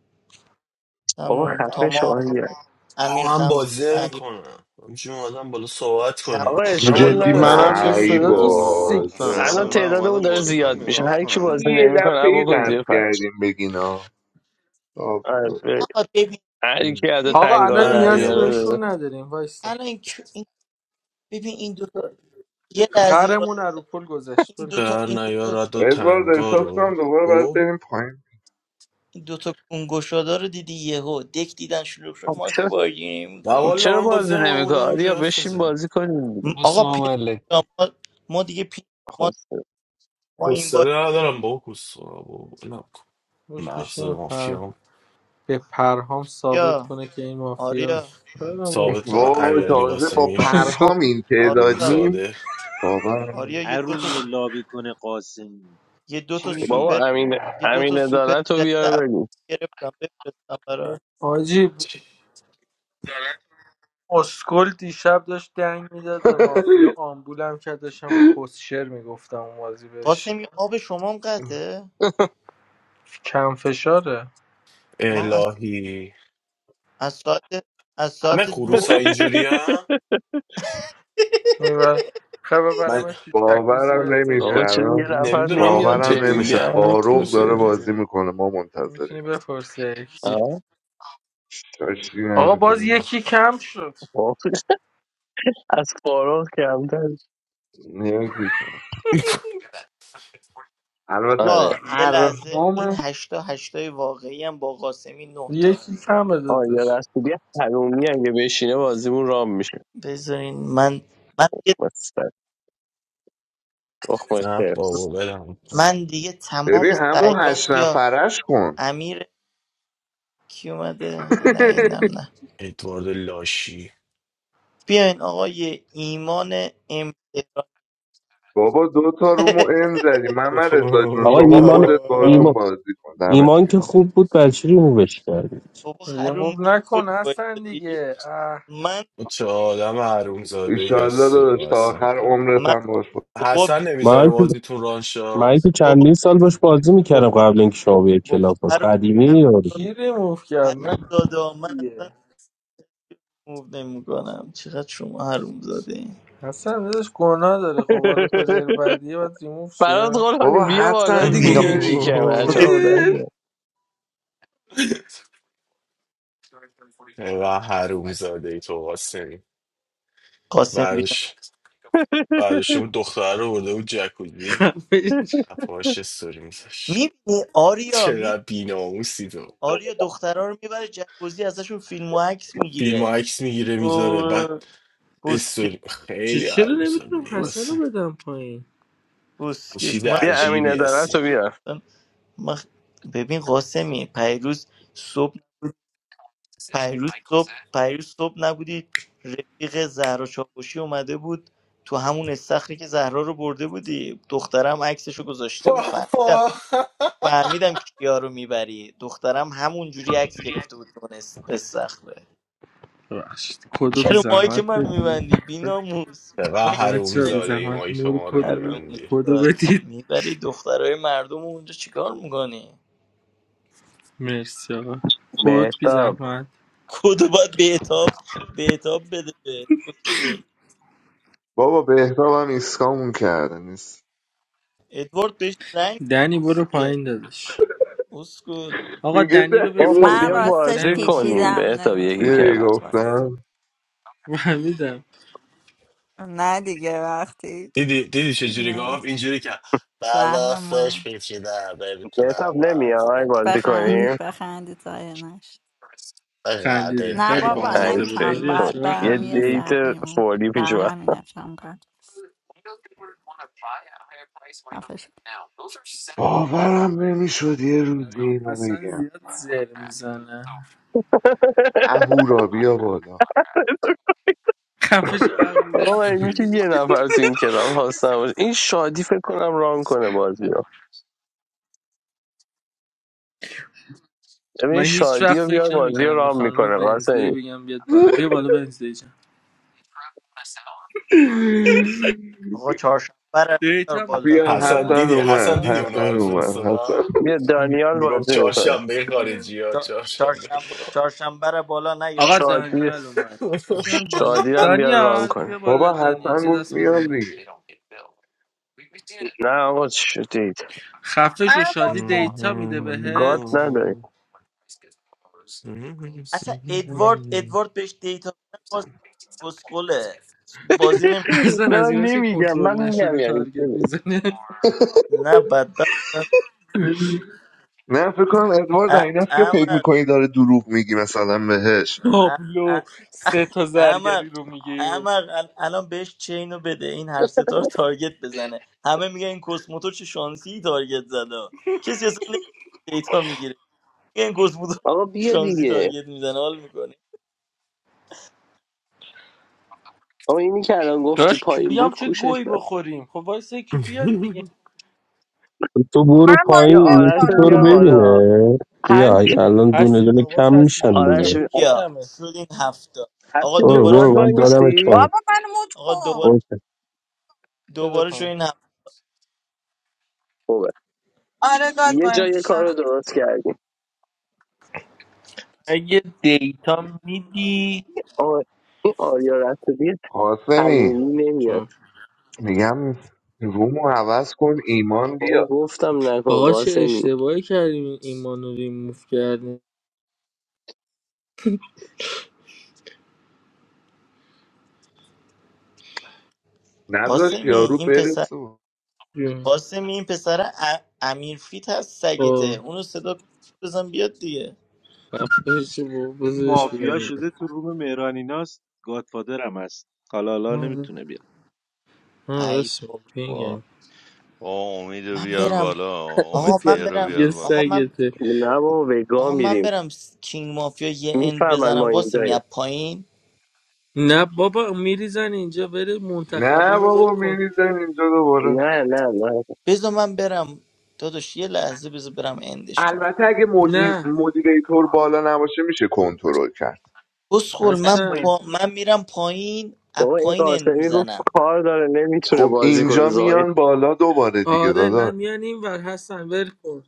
S1: بابا
S5: تمام
S1: خفه
S5: تمام
S1: شاهیه
S5: امیر
S12: آه من
S5: خمس
S12: بازی
S5: مهیار
S12: نمیکنم همچین اومدم بالا صحبت
S5: خمس.
S12: کنیم
S1: آقا
S12: نه
S1: اشکال
S12: والا
S4: جدی
S12: بازی
S1: نداره
S4: منم
S9: چه
S2: ای
S12: نمیکنم
S9: صدا تو
S4: نمیشینم ها. اصلا
S9: سیکس
S2: بابا
S14: حسن
S1: الان
S14: من
S4: منم
S1: تعدادمون
S14: اومدم
S1: داره
S14: بازی کنم
S1: زیاد میشه
S14: ایران
S1: هر کی
S14: کنم
S1: بازی
S2: یه
S1: نمیکنه
S2: دفعه
S1: بکن
S2: دست
S1: زیر فرش
S2: کردیم بگینا
S4: آب.
S1: آره، بریم.
S5: آقا ببین
S1: هر کی از
S5: ببین
S9: آقا
S1: تنگا
S9: الان
S1: رو
S12: من
S1: در
S12: بیا
S9: نیازی
S1: میاره
S12: بالا
S1: بره.
S9: بهشون نداریم وایستا
S5: الان این, کو- این ببین این دوتا یه لحظه با
S9: خرمون از رو پل گذشت
S5: این
S9: ول کن
S5: دوتا
S12: در
S5: این دوتا
S12: نیارد و
S2: ادوارد
S12: تنگا
S2: احساس
S12: رو
S2: کنم دوباره باید
S12: او
S2: بریم پایین
S5: این دوتا کنگوشادا رو دیدی یهو دک دیدن شلوغ شد
S1: خب
S5: ما که
S1: چرا
S5: بازی
S12: نه
S1: خب
S5: نمی‌کنیم
S12: والا
S1: چرا
S12: من بازی
S1: بازی
S12: نمیکنم
S1: نمیکنه
S12: بودم همجوری
S1: آریا
S12: حرف
S1: بشین
S12: بزنیم
S1: بازی کنیم
S5: م-
S1: دیگه
S5: آقا
S12: واه.
S15: Assalamu
S5: پدر
S15: alaikum.
S5: جان، ما, ما دیگه پی...
S1: خب
S5: ما, ما این بار-
S12: حوصله ندارم با کس نکن
S9: روش
S12: مغز
S9: بشین پر
S12: مافیا
S9: به پرهام ثابت
S5: بیا
S9: کنه که این
S5: آریا
S9: مافیاست برمون
S12: ثابت کنم
S9: کنه
S2: وای
S12: امیرعلی
S2: تازه با
S12: قاسمی
S5: آریا
S12: شد
S2: پرهام این
S5: آریا
S2: تعدادیم
S12: حرومزاده
S2: باورم
S5: آریا یه
S3: هر
S5: دوتا
S3: لابی کنه قاسمی
S5: یه دو
S3: چی
S5: تا
S3: میگی
S1: بابا
S5: سوپر
S1: امین
S5: یه دو
S1: امین
S5: تا سوپر
S1: عدالت رو
S5: جدید افغان
S1: بیار بگو
S5: گرفتم بفرستم برات
S9: آجی اسکل دیشب داشت دنگ میداد به مافیا آمبولم کرد داشتم کسشر میگفتم اون بازی بهش
S5: قاسمی آب شما هم قطعه
S9: کم فشاره
S5: ما از,
S12: الهی
S5: از ساعت از
S12: همه
S5: ساعت
S12: خروس
S5: دو
S12: ها اینجوری هم؟
S9: و خب
S12: من
S9: برم تو جکوزی
S2: باورم
S9: بهت
S2: نمیشه
S9: بگم
S1: آقا چرا یه
S2: الان.
S1: نفر
S12: نمیدونم ها
S1: نمیاد
S2: باورم
S12: جدی
S1: بریم
S2: نمیشه
S12: میگم همه
S1: دهنتون رو
S2: فاروق
S12: پروسا
S2: داره
S1: سرویس
S12: اینجوری
S2: بازی میکنه ما منتظریم
S9: میتونی بپرسی یکی
S1: آه،
S2: چاشی
S9: آقا باز
S2: نداریم.
S9: یکی کم شد
S1: واقعی. از فارغ کمتر
S2: نمی‌کشه. البته
S1: آره
S5: آقا یه لحظه این
S2: پرهام
S5: هشتا هشتای واقعی هم با قاسمی نه تا
S9: یکی کم
S1: آیا
S9: دادش
S1: رسولی حرومی اگه بشینه بازیمون رام میشه
S5: بذارین من من دیگه,
S1: مثلا تخم
S12: نه بابا
S1: خرس
S12: بدم
S5: من دیگه تمام
S2: ببین همون
S5: سعیام
S2: هشت
S5: بیا
S2: نفرش کن
S5: امیر کی اومده نه اینم نه
S12: ادوارد لاشی
S5: بیا این یه ایمان ام
S2: بابا دو تا رومو ان زدی من من رضا جون
S10: آقا
S2: شما
S10: ایمان
S2: خودت باشون
S10: ایمان
S2: بازی کن دمت
S10: ایمان که
S2: کرد
S10: خوب بود بچه چی ریمووش کردید
S5: بابا حروم
S9: ریموف
S5: زاده تو این
S9: نکن
S5: باید
S9: حسن
S5: دادی.
S9: دیگه اه.
S12: چه آدم حروم زاده ای
S2: ایشالله
S12: هستی و
S2: داداش تا
S12: اصلا
S2: آخر عمرت
S5: من
S2: هم باش بود.
S5: بابا
S12: حسن
S5: بی-
S12: نمیذاره
S10: من که
S12: بازیتون رانشا
S10: من که
S5: بابا
S10: چندین سال باش بازی میکردم
S5: بابا
S10: قبل اینکه شما بیای کلاب
S5: بابا
S10: هاوس.
S5: هر
S10: قدیمی
S5: هر
S10: یارو
S9: کی ریموف
S5: هر
S9: کرد نه
S5: دادا من اصلا
S9: دیگه
S5: موو نمیکنم چقدر شما حروم زاده این
S9: حسن دادش گناه داره خب حالا پدر بعدیه باید ریموف
S1: فراد
S9: شه
S1: غلامی
S2: بابا
S1: بیا بالا
S2: حسن
S1: دیگه
S5: بینا
S2: بیا
S1: یکی
S2: دیگه
S1: کمه
S5: تو
S1: عجب
S5: که بینا
S1: آدمی.
S12: و حروم زاده ای تو قاسمی
S5: قاسم بینا
S12: بردش بردش اون دختر رو برده بود جکوزی
S9: خفش.
S12: پاهاش استوری میذاش
S5: میبینی آریا می
S12: چقدر بیناموسی تو.
S5: آریا دخترها رو میبره جکوزی ازشون فیلم و عکس
S12: فیلم و
S5: میگیره
S12: عکس میگیره میذاره بعد
S5: پسکش
S12: استوری
S9: چه
S12: خیلی
S9: چرا
S12: عروم
S9: نمیتونم
S12: ساده
S9: حسن
S12: یاسه
S9: رو بدم پایین
S5: پسکش
S12: چیز
S5: من
S1: بیا امین
S12: عجیبی
S1: عدالت
S12: هستی
S1: رو بیا
S5: نمی‌دونم. من- ببین قاسمی پیروز صبح پیروز صبح پیروز صبح نبودی رفیق زهرا چاوشی اومده بود تو همون استخری که زهرا رو برده بودی دخترم عکسشو گذاشته بود فهمیدم
S12: بابا
S5: فهمیدم کیا رو میبری دخترم همون جوری عکس گرفته بود تو اون اس- استخره
S9: ببخشید کدو بی
S5: چرا مایی که
S9: زحمت
S5: منو
S9: بدی
S5: میبندی بیناموس
S12: چقدر
S5: مایی
S12: حروم
S9: بچه
S5: که
S9: بی
S12: زاده ای
S9: زحمت
S12: مایی که
S9: مور
S12: ما رو
S9: کدو
S12: میبندی
S9: کدو بدید
S5: میبری دخترای مردم رو اونجا چیکار میکنی
S9: مرسی آقا کد بی
S1: بهتاب
S9: زحمت
S5: کدو باید به اتاب به اتاب بده به اسکل.
S2: بابا بهتاب هم ایسکامون کرده نیست
S5: ادوارد بهش زنگ
S9: دنی برو
S5: بزن
S9: پایین داداش
S5: اسکول
S9: آقا
S2: میگه
S9: دنی رو
S1: خب
S9: بفرست
S2: دنیمون
S11: من
S1: بیا
S9: پایین
S11: راستش
S9: دنی
S1: بازی
S9: برو پایین
S1: کنیم
S11: پیچیدم
S1: بهتاب یکی
S2: بیا
S11: نمیتونم
S2: دیگه
S1: کم
S11: گاد وایس
S2: گفتم
S9: فهمیدم
S11: نه دیگه وقتی
S12: دیدی دیدی چجوری
S11: نمیتونم
S12: گفت اینجوری که
S11: زهر
S12: بلاستش
S11: ما
S12: پیچیده نمیتونم
S1: بهتاب
S12: بازی
S1: نمیای
S12: کنم.
S1: بازی
S11: بخندید
S1: کنیم
S11: بخندید زایه نشد
S9: خندیده
S11: نه
S9: خیلی
S11: بابا
S1: این
S9: بامزه بود
S11: نمیتونم
S9: آریا
S1: شیطون
S11: باید
S9: چرا
S1: یه
S11: برم یه
S9: خندیدی
S1: دیت
S11: سر بیرون
S1: فوری پیش
S11: بر
S1: رو
S11: همین افشم کرد
S2: باورم نمیشد یه روز
S9: آره
S2: اینو
S9: حسن
S2: بگم
S9: زیاد زر میزنه
S2: اهورا بیا بالا
S9: خفش اغوره
S1: آقا مگه
S9: کیه
S1: میشه
S9: دیگه؟
S1: یه نفر تو این کلاب هاست نباشه این شادی فکر کنم ران کنه بازی رو
S9: من
S1: ببین
S9: هیچ
S1: شادی
S9: وقت
S1: رو بیار
S9: فکر
S1: بازی رو
S9: نمیکردم به
S1: ران
S9: خانم
S1: میکنه
S9: ونزدی
S1: قاسمی
S9: بگم بیاد بالا بیا بالا ونزدی جان
S5: آقا چهارشنبه رو نیار
S9: دیتا میده
S5: بالا
S2: بیا
S12: حسن
S9: بهت
S2: حسن
S12: دیدی
S2: اومد
S12: حسن
S9: ابنا
S12: دیدی اونو
S2: حسن
S12: برات
S2: اومد حسن
S12: فرستادم
S1: بیا
S12: می-
S1: دانیال
S12: میگم
S1: بازی میکنه
S12: چهارشنبه خارجی ها چهارشنبه
S5: چهارشنبه چهارشنبه رو بالا نیار
S9: آقا
S1: شادی
S9: دانیال اومد اصلا دانی...
S1: شادی رو هم بیار ران
S9: دانیال
S1: کنه
S9: بیا بالا
S2: بابا
S9: دانیال
S2: حسن
S9: یه
S2: گفت
S9: دست
S2: میام
S9: بزنیم
S2: دیگه
S1: نه آقا چی شدید
S7: من
S9: خفش و شادی
S7: گفتم
S9: دیتا
S12: Mhm.
S9: میده
S1: گاد
S9: بهت
S1: نداری
S5: اصلا
S9: مت-
S5: ادوارد ادوارد بهش دیتا بدن باز اسکوله بازی نمیکنه
S9: اصلا
S1: نه
S9: از
S1: من
S9: ایناست که
S1: نمیگم
S9: کنترل
S1: من میگم
S9: نشده
S1: یعنی
S9: تارگت
S1: چی.
S9: میزنه
S5: نه بدبخت
S2: نه فکر کن ادوارد
S5: ا-
S2: این است که فکر
S5: احمق
S2: میکنی داره دروغ میگی مثلا بهش
S5: ا-
S9: تابلو
S5: ا-
S9: سه تا
S5: احمق
S9: زرگری رو میگه
S5: احمق ال- الان بهش چینو بده این هر ستا رو تارگت بزنه همه میگن این کوسموتو چه شانسی تارگت زده کسی اصلا نمی‌دونه دیتا میگیره میگه این کوسموتو
S1: آقا
S5: چه
S1: بیا
S5: شانسی
S1: دیگه
S5: تارگت میزنه حال
S1: آقا اینی که الان گفتی
S9: داشت که
S1: پایین بود
S9: بیام چه
S1: کوشش
S9: گوی
S1: داد
S9: بخوریم خب وایسه که بیاد دیگه
S10: تو برو
S7: من بازی
S1: بیا
S10: پایین
S1: آرش
S10: یکی
S1: رو
S10: تو
S7: نمیکنم
S10: رو
S1: بیار
S7: آه.
S1: بالا
S10: ببینه
S1: هر
S10: بیا
S1: کی
S10: الان دونه
S9: هستی
S10: دونه
S9: آواز
S10: کم
S9: هستی
S10: میشن
S9: جونم
S1: آرش
S10: دیگه
S9: رفیقی
S5: بیا
S9: کمه
S5: شد این هفته آقا
S1: هستی جون
S10: برو
S5: دوباره
S10: برو
S5: شد
S1: گاد
S5: این
S1: وای
S10: من دادم
S5: هفته
S1: میستی
S7: بابا من مود
S5: آقا
S7: کن
S5: دوباره
S10: پایین
S9: بده
S5: دوباره شد
S9: پایین
S5: این هفته
S7: آره گاد
S1: یه
S7: وای
S1: جای کار
S7: میشم
S1: رو درست کردیم
S9: اگه دیتا میدی
S1: آه، این آریا رسولی
S2: قاسمی
S1: تمومی نمیاد
S9: جان.
S2: میگم رومو عوض کن ایمان
S1: بابا
S2: بیا
S1: گفتم نکن
S9: آقا چه
S1: قاسمی
S9: اشتباهی کردیم این مانو ریموف کردیم
S2: نداشت
S5: قاسمی
S2: یارو
S5: این پسر
S2: برسون
S9: جون.
S5: قاسمی این پسر ا... امیرفیت هست سگته
S9: با
S5: اونو صدا کن بزن بیاد دیگه
S9: خفش با
S3: اون
S9: بذارش
S3: مافیا
S9: بگم
S3: شده تو روم مهرانیناست گادفادرم هست حالا حالا
S9: آره
S3: نمیتونه بیاد
S9: آره،
S5: ای
S9: راست میگی.
S5: بابا
S14: با امید رو
S5: من
S14: بیار
S5: برم
S14: بالا امید
S5: آقا من
S14: پیر رو
S5: برم
S14: بیار
S9: دیگه
S14: بالا
S5: آقا من
S9: سگته
S1: نه بابا وگا
S5: آقا من
S1: میریم
S5: برم س- کینگ مافیا یه اند
S1: میفهمن
S5: بزنم
S1: ما
S5: قاسمی
S1: اینجاییم
S5: از پایین
S9: نه بابا میریزن اینجا بره
S2: نه
S9: منتخبین رو ول
S2: بابا
S9: کن
S2: میریزن اینجا دوباره
S1: نه نه نه
S5: بذار من برم داداش یه لحظه بذار برم اندش کنم
S2: البته اگه مدیر
S9: نه
S2: مدیریتور بالا نباشه میشه کنترل کرد
S5: بسخول
S1: دست
S5: من
S1: پایین.
S9: هستن
S5: پا... من میرم پایین از
S1: بابا این
S5: پایین اند
S1: قاسمی گفت
S5: میزنم
S1: کار داره نمیتونه
S2: خب
S1: بازی کنه
S2: اینجا
S1: زایه
S2: میان بالا دوباره دیگه
S9: آره نه
S2: دادا
S9: میان این ور هستن ول کن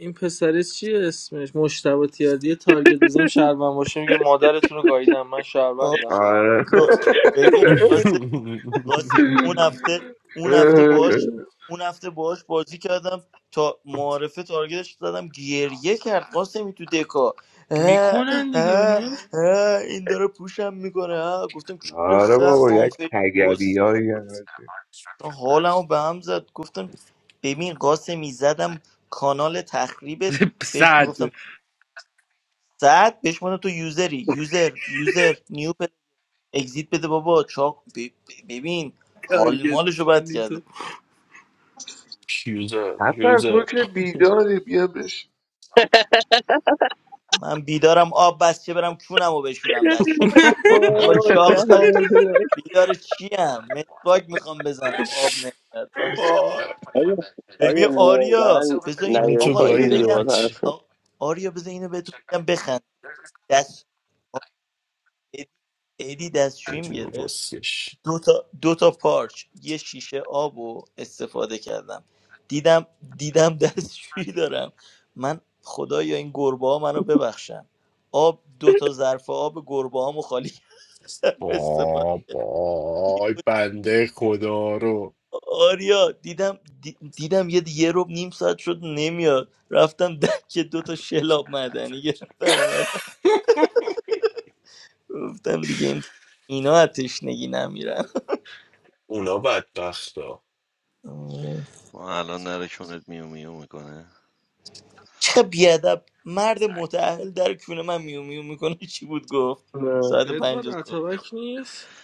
S9: این پسره چیه اسمش مشتبه تیاردی تارگت بزنیم شهروند باشه میگه مادرتون رو گاییدم من
S5: آه،
S9: شهروندم
S2: آره
S5: گا- ببین قاسم قاسم اون هفته اون هفته باش اون هفته باش بازی کردم تا معارفه تارگتش زدم گریه کرد قاسمی تو دکا اه،
S9: میکنن دیگه
S5: اه،
S9: نمیشه
S5: اه، این داره پوشم میکنه اه. گفتم کیر
S2: آره
S5: خر
S2: بابا یک
S5: آنفیل
S2: تگری
S5: کس
S2: هایی هم هست.
S5: حالمو به هم زد گفتم ببین قاسمی زدم کانال تخریبت بهش
S9: صد
S5: میگفتم ساعت بشمونه تو یوزری یوزر یوزر نیو پل اگزییت بده بابا چاق ب- ب- ببین حال
S9: تارگت
S5: مالشو بد
S9: میکنی
S5: کرده
S9: تو
S12: Queues up,
S2: حسن
S12: queues
S2: تو
S12: up.
S2: که بیداری بیا بشین
S5: من بیدارم آب بس که برم کونمو بشورم دستشویی بابا
S1: وای
S5: چاقال
S1: دهنه
S5: بیدار چیم مسواک میخوام بزنم آب نمیاد آب-
S12: آه،
S1: آیا
S5: ببین
S1: آیا
S5: آریا
S1: واقعا
S5: بذار این
S12: همه
S1: نیاری
S12: تو
S5: آقا
S1: پایین
S5: اینو
S1: دیگه
S12: گاهیدم
S5: بگم
S1: با
S12: بچه
S1: طرف
S5: آ- آریا بذار اینو بهتون بگم بخند دست آ، ادی ادی دستشویی گرفت
S12: بسیش
S5: دو تا, دو تا پارچ یه شیشه آب رو استفاده کردم دیدم دیدم دستشویی دارم من خدایا این گربه ها منو ببخشن آب دو تا ظرف آب گربه هامو خالی کردم استفاده
S12: بابای بنده خدا رو
S5: آریا دیدم دی- دیدم یه یه رو نیم ساعت شد نمیاد رفتم دکه دو تا شلاب معدنی گرفتم اومدم گفتم دیگه این اینا از تشنگی نمیرن
S12: اونا بدبخت ها
S14: ما الان نره کونت میو میو میکنه
S5: چه بیادب مرد متعهل در کونه من میو میو میکنه چی بود گفت
S1: نه
S5: ساعت پنج
S9: ادوار
S5: صبح
S9: اتابک نیست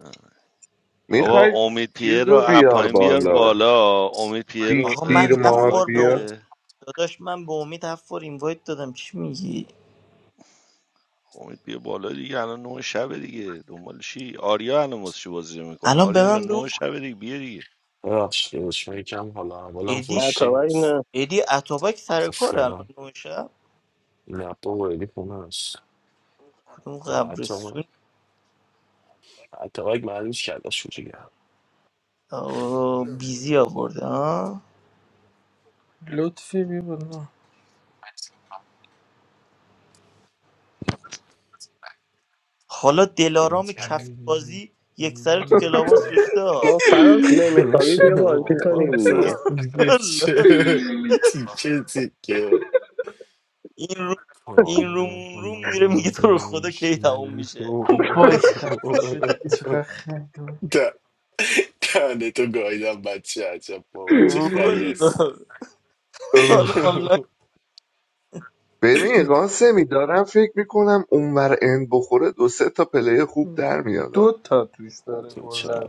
S14: آه. بابا
S2: میخوای
S14: امید پیر
S2: چیز
S14: رو
S2: رو
S14: از
S2: بیار
S14: پایین بیار
S2: بالا
S14: بالا امید پیر رو
S5: آقا
S14: اه،
S2: فیکتیر
S5: من هفت
S14: اینوایت
S5: بار به
S2: مافیا
S5: ام-
S14: بده
S5: داداش من به امید هفت بار اینوایت دادم چی میگی
S14: امید بیا بالا دیگه الان نه شبه دیگه دنبال چی آریا الان واسه چی بازی میکنه
S5: الان به
S14: آریا
S5: من
S14: جان
S5: بگو
S14: نه
S5: که
S14: شبه دیگه بیا دیگه
S12: هم حالا اولم
S5: ادی
S12: فشتی
S1: اتابک
S12: نیست
S1: نه
S5: ادی اتابک سر کار الان
S12: اصلا
S5: نو شب
S12: نه بابا خیلی خونه هست
S5: کدوم
S12: حتی
S5: قبرستون
S12: حتی اگه معلومش کرده شوری
S5: آه، بیزی آورده ها
S9: لطفی بی بالا
S5: حالا
S12: این
S5: دلارام کف
S12: کرده.
S5: بازی یک سره تو کلاباس ریخته
S1: ما
S5: ها.
S1: فراز نمیخوابی
S12: نوش
S1: بیا بازی کنیم
S12: آفاس
S1: دیگه
S12: است دیگه چه تیکه تیکه
S5: این رو این روم
S12: کامل
S5: اون روم
S12: همه
S5: میره
S12: رو
S5: میگه تو رو خدا کی تموم
S12: بیانشین
S5: میشه
S9: بای خفه شدی چقدر خنده
S12: تنه تو گایدم بچه عجب با بچه خری
S5: والا
S12: هست
S2: اوه.
S5: حالا آنلاین
S2: ببین قاسمی دارم فکر میکنم اونور اند بخوره دو سه تا پله خوب در میاد
S9: دو تا توش
S12: تو چه؟
S9: داره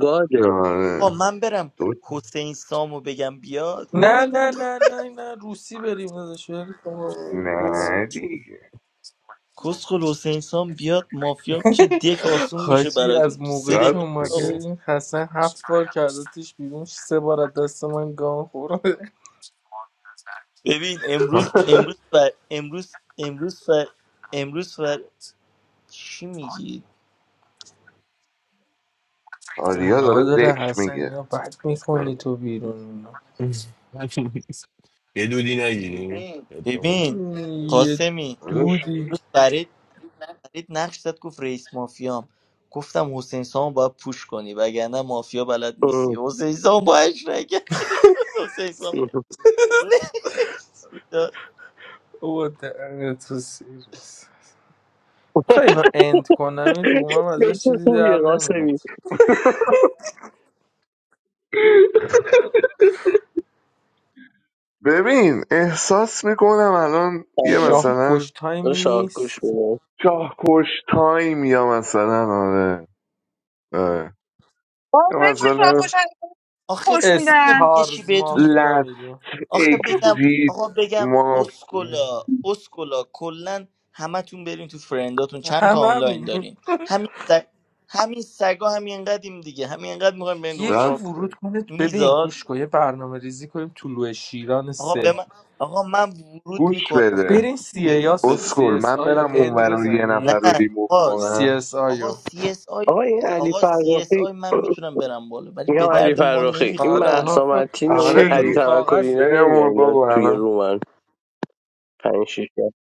S1: گاده
S2: آره
S5: با من برم
S2: دو
S5: حسین سامو بگم بیاد
S9: نه نه نه نه نه روسی بریم داداش ول کن. اوه.
S2: نه دیگه
S5: کسخل حسین سام بیاد مافیا میشه دک آسون میشه
S9: حاجی
S5: براتون
S9: از
S5: تو سه
S9: موقعی که
S5: دقیقه
S2: راست
S9: اومده
S5: آقا.
S2: میگه
S9: این حسن هفت بار کردتش بیرون سه بار از دست من گان خورده
S5: ببین امروز امروز فر امروز امروز فر امروز فر چی میگی
S2: آریا
S9: گناه
S2: داره
S9: داره
S2: ذکر
S9: حسن
S2: میگه
S9: اینا بد
S2: چیکار
S9: میکنی تو بیرون
S12: یه دودی نگیریم
S9: اینا
S5: ببین
S9: یه
S5: قاسمی
S2: کنم؟
S9: دودی
S5: امروز فرید فرید نقش زد گفت رئیس مافیام گفتم حسین سامو باید پوش کنی وگرنه مافیا بلد نیستی حسین سام باید رگه حسین سام نکس میداد
S9: او دهن تو سیروس خیلی اینو اند کنم این رومم ازش
S1: فکر
S9: چیزی در
S1: خوبیه قاسمی
S9: نمیاد
S2: ببین احساس میکنم الان یه
S1: آره،
S9: شاه
S2: مثلا
S9: کش تایمی
S1: شاهگوش
S9: نیست
S1: بودم
S2: شاهکش تایم یا مثلا آره, آره.
S7: بابا
S2: یا
S5: چون-
S2: مثلا
S7: بکش
S5: آخه
S7: فحش میدن
S5: آخه یه چی
S9: استارز
S5: بهتون می-
S9: مافیا
S2: لست
S9: میگیم
S5: آخه بگم
S2: اگزیت
S5: آقا بگم
S2: ما
S5: اسکولا اسکولا کلا همتون برین تو فرنداتون چند تا
S9: همه
S5: آنلاین
S9: همینیم
S5: دارین همین سگ همین سگا همین قدیم دیگه همین قد میخوایم برین دور
S9: یکی
S5: شاکو
S2: راست
S9: ورود کنه ببین گوش
S5: میزاد
S9: کن یه برنامه ریزی کنیم طلوع شیران
S5: آقا به
S9: سه
S5: من آقا من ورود
S2: گوش
S5: میکنم
S2: بده
S9: برین سی ای
S5: بگو
S9: یا
S5: بگو
S9: سی
S2: اسکول
S9: اس
S2: من
S9: آی یا
S2: برم اون
S9: اند
S2: رو یه
S9: بزنید
S2: نفر
S5: نه
S2: رو ریموو
S5: آقا
S9: سی
S2: کنم
S9: اس آی
S5: آقا
S9: رو.
S5: سی اس آی
S1: آقا این علی
S5: آقا سی اس
S1: فرخی
S5: آی من میتونم برم بالا ولی
S1: میگم
S5: به
S1: علی
S5: درد ما
S1: فرخی این
S9: آره
S5: نمیخوره
S9: اونا
S1: مهسا
S5: الان
S9: آخه
S1: متین و
S5: من-
S1: این
S2: آره
S9: چین
S1: علی
S9: رو
S2: دیگه
S1: توکلی اینا
S9: کاغذه
S1: نمیاد
S2: بریم
S1: اینا
S2: بابا
S1: توی
S2: الان
S1: رومن پنج شیش تا.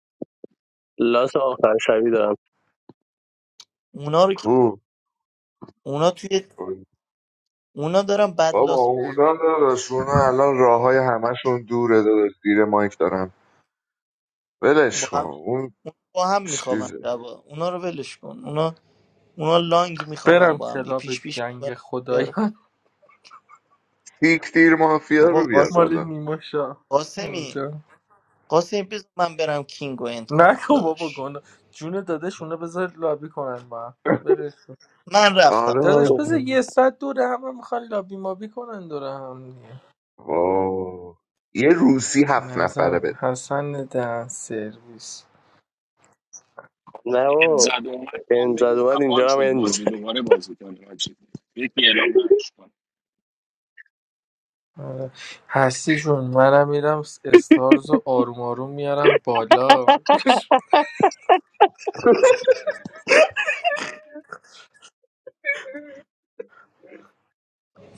S1: لاس آخر شبی دارم
S5: اونا رو که
S2: کو
S5: اونا توی اونا دارن
S2: بابا
S5: بدلاس
S2: اونا داداش اونا الان راه های همشون دوره داداش زیر مایک دارم
S5: با
S2: ولش کن
S5: هم
S2: اون
S5: اونا با هم میخوابن
S2: چیز
S5: شبا اونا رو ولش کن اونا اونا لانگ میخوابن
S9: برم
S5: با هم دیگه
S9: کلاب
S5: پیش پیش
S9: جنگ
S5: می‌خوابن.
S9: خدایان
S2: تیک تیر مافیا
S5: بابا
S2: رو بیار
S5: قاس-
S9: مال
S2: بالا
S9: نیما شاه
S5: قاسمی
S9: اونجا
S5: قاسمی بذار من برم کینگ رو اند کنم
S9: نکن بابا
S5: داداش
S9: گنا جون دادش اونا بذار لابی کنن با هم. برسون
S5: من رفتم
S2: آره آره.
S5: خدا
S9: دادش
S1: خب،
S9: بذار یه ساعت دوره همه میخوان لابی مابی کنن دوره هم
S2: واه. یه روسی هفت نفره
S9: نزن
S2: بده
S9: حسن دهن سرویس
S1: نه بابا
S16: Zadomat
S1: بنز
S16: bombego
S1: اومد اینجا هم
S16: kapansodt
S1: بنز
S16: bajzi,
S1: می‌زنه.
S16: dovaribajzi, van rajt. Őkiel a másikon.
S9: آره. هستی جون منم میرم استارز رو آروم آروم میارم بالا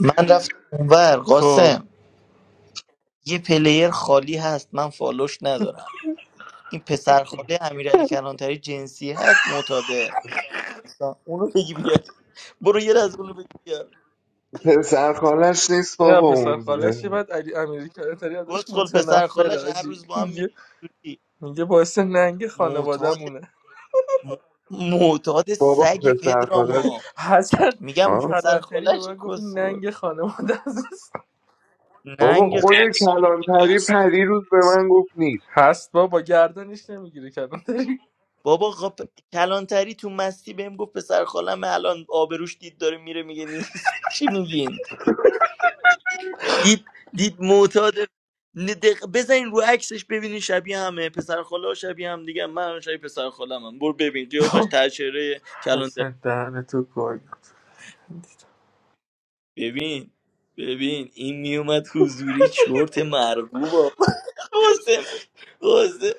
S5: من رفتم اونور
S9: خب
S5: قاسم یه پلیر خالی هست من فالوش ندارم این پسر خاله امیرعلی کلانتری جنسی هست معتاده اونو بگی بیار. برو یه از اونو بگی بیار
S2: پسر خالش نیست
S9: این
S2: بابا
S9: پسر
S2: اون
S9: خالش یه بعد علی امیری کلانتری ازش
S5: کسخل پسر
S9: متنفر
S5: خالش هر
S9: آجی
S5: روز با هم
S9: میگه
S5: میبینی
S9: میگه باعث ننگ
S5: معتاد
S9: خانوادهمونه
S5: م- معتاد
S2: بابا
S5: سگ
S2: پسر خالش
S5: پدراما
S9: حسن
S5: میگم
S2: ها
S5: پسر
S9: کلانتری به
S5: خالش
S9: من گفت این
S5: کسخل
S9: ننگ خانواده است
S2: بابا
S5: ننگ خ-
S2: خود
S16: Házson
S2: کلانتری
S16: milliásra.
S2: پری روز به من گفت نیست
S9: هست با با گردنش نمیگیره کلانتری
S5: بابا خب کلانتری تو مستی بهم گفت پسر خالم الان آبروش دید داره میره میگه نیست چی میگین دید دید معتاد ن- دق... بزنین رو عکسش ببینین شبیه همه پسر خاله شبیه هم دیگه من الان شبیه پسر خالم هم برو ببین قیافش تر چهره
S9: حسن دهن تو گاگ
S5: ببین ببین این میومد حضوری چرت مرغوب قاسم قاسم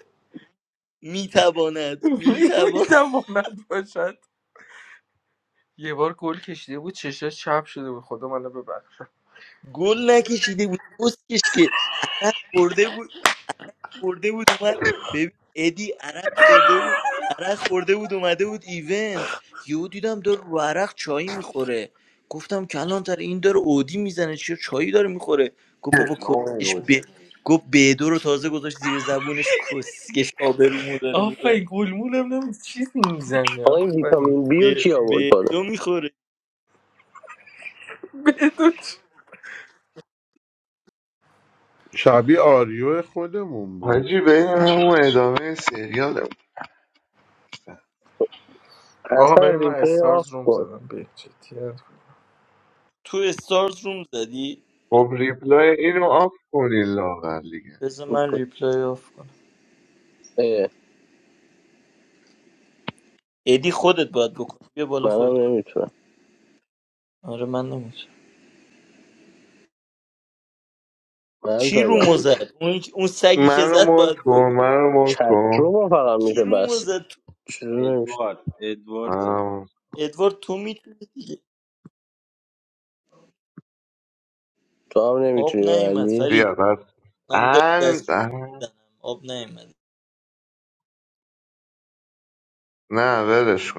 S5: میتواند میتواند
S9: میدواند باشد یه بار گل کشیده بود چشاش چپ شده بود خدا منو ببخشه
S5: گل نکشیده بود کسکش که عرق خورده بود خورده بود اومد ببین ادی عرق خورده بود عرق خورده بود اومده بود ایونت یهو دیدم داره رو عرق چایی میخوره گفتم کلانتر این داره اودی میزنه چرا چایی داره میخوره گفت بابا کسکش
S17: No
S5: ب گفت بدو رو تازه گذاشت زیر زبونش کسکش آبرومو داره میبره
S9: آفرین گلمولم نمی چیزی میزنه
S1: آقا این
S9: آفرین
S1: ویتامین بی رو کی آورد بالا
S5: بدو میخوره
S9: بدو چ-
S4: شبیه آریو خودمون بود
S2: حاجی بریم همون ادامه سریال
S9: آقا
S1: اصلا
S9: برای من
S1: ریپلی
S9: استارز
S1: آف
S9: روم
S1: کن
S9: زدم به جدی
S5: تو استارز روم زدی
S2: خب ریپلای اینو آف کنین لاغر دیگه
S5: بذار من ریپلای آف کنم
S1: اه،
S5: ادی خودت باید بکنی بیا بالا خودت
S1: منم
S5: کن
S1: نمیتونم
S5: آره من نمیتونم
S1: من
S5: کی
S1: زدم
S5: رومو زد اون اون سگی که
S2: منو
S5: زد
S2: مونت
S5: باید
S2: کن منو مونت کن
S1: چترو فقط
S5: کی
S1: میشه
S5: رومو
S1: بس
S5: زد تو-
S1: چیزی نمیشه
S3: ادوارد ادوارد
S2: منو مونت- کن.
S5: ادوارد تو میتونی دیگه
S1: تو هم
S5: آب
S1: نمیتونی
S5: نیومد
S1: ببندی
S5: فرید
S2: بیا بس
S5: من دارم
S2: ان
S5: دستشویی میزنم آب نیومد
S2: نه ولش کن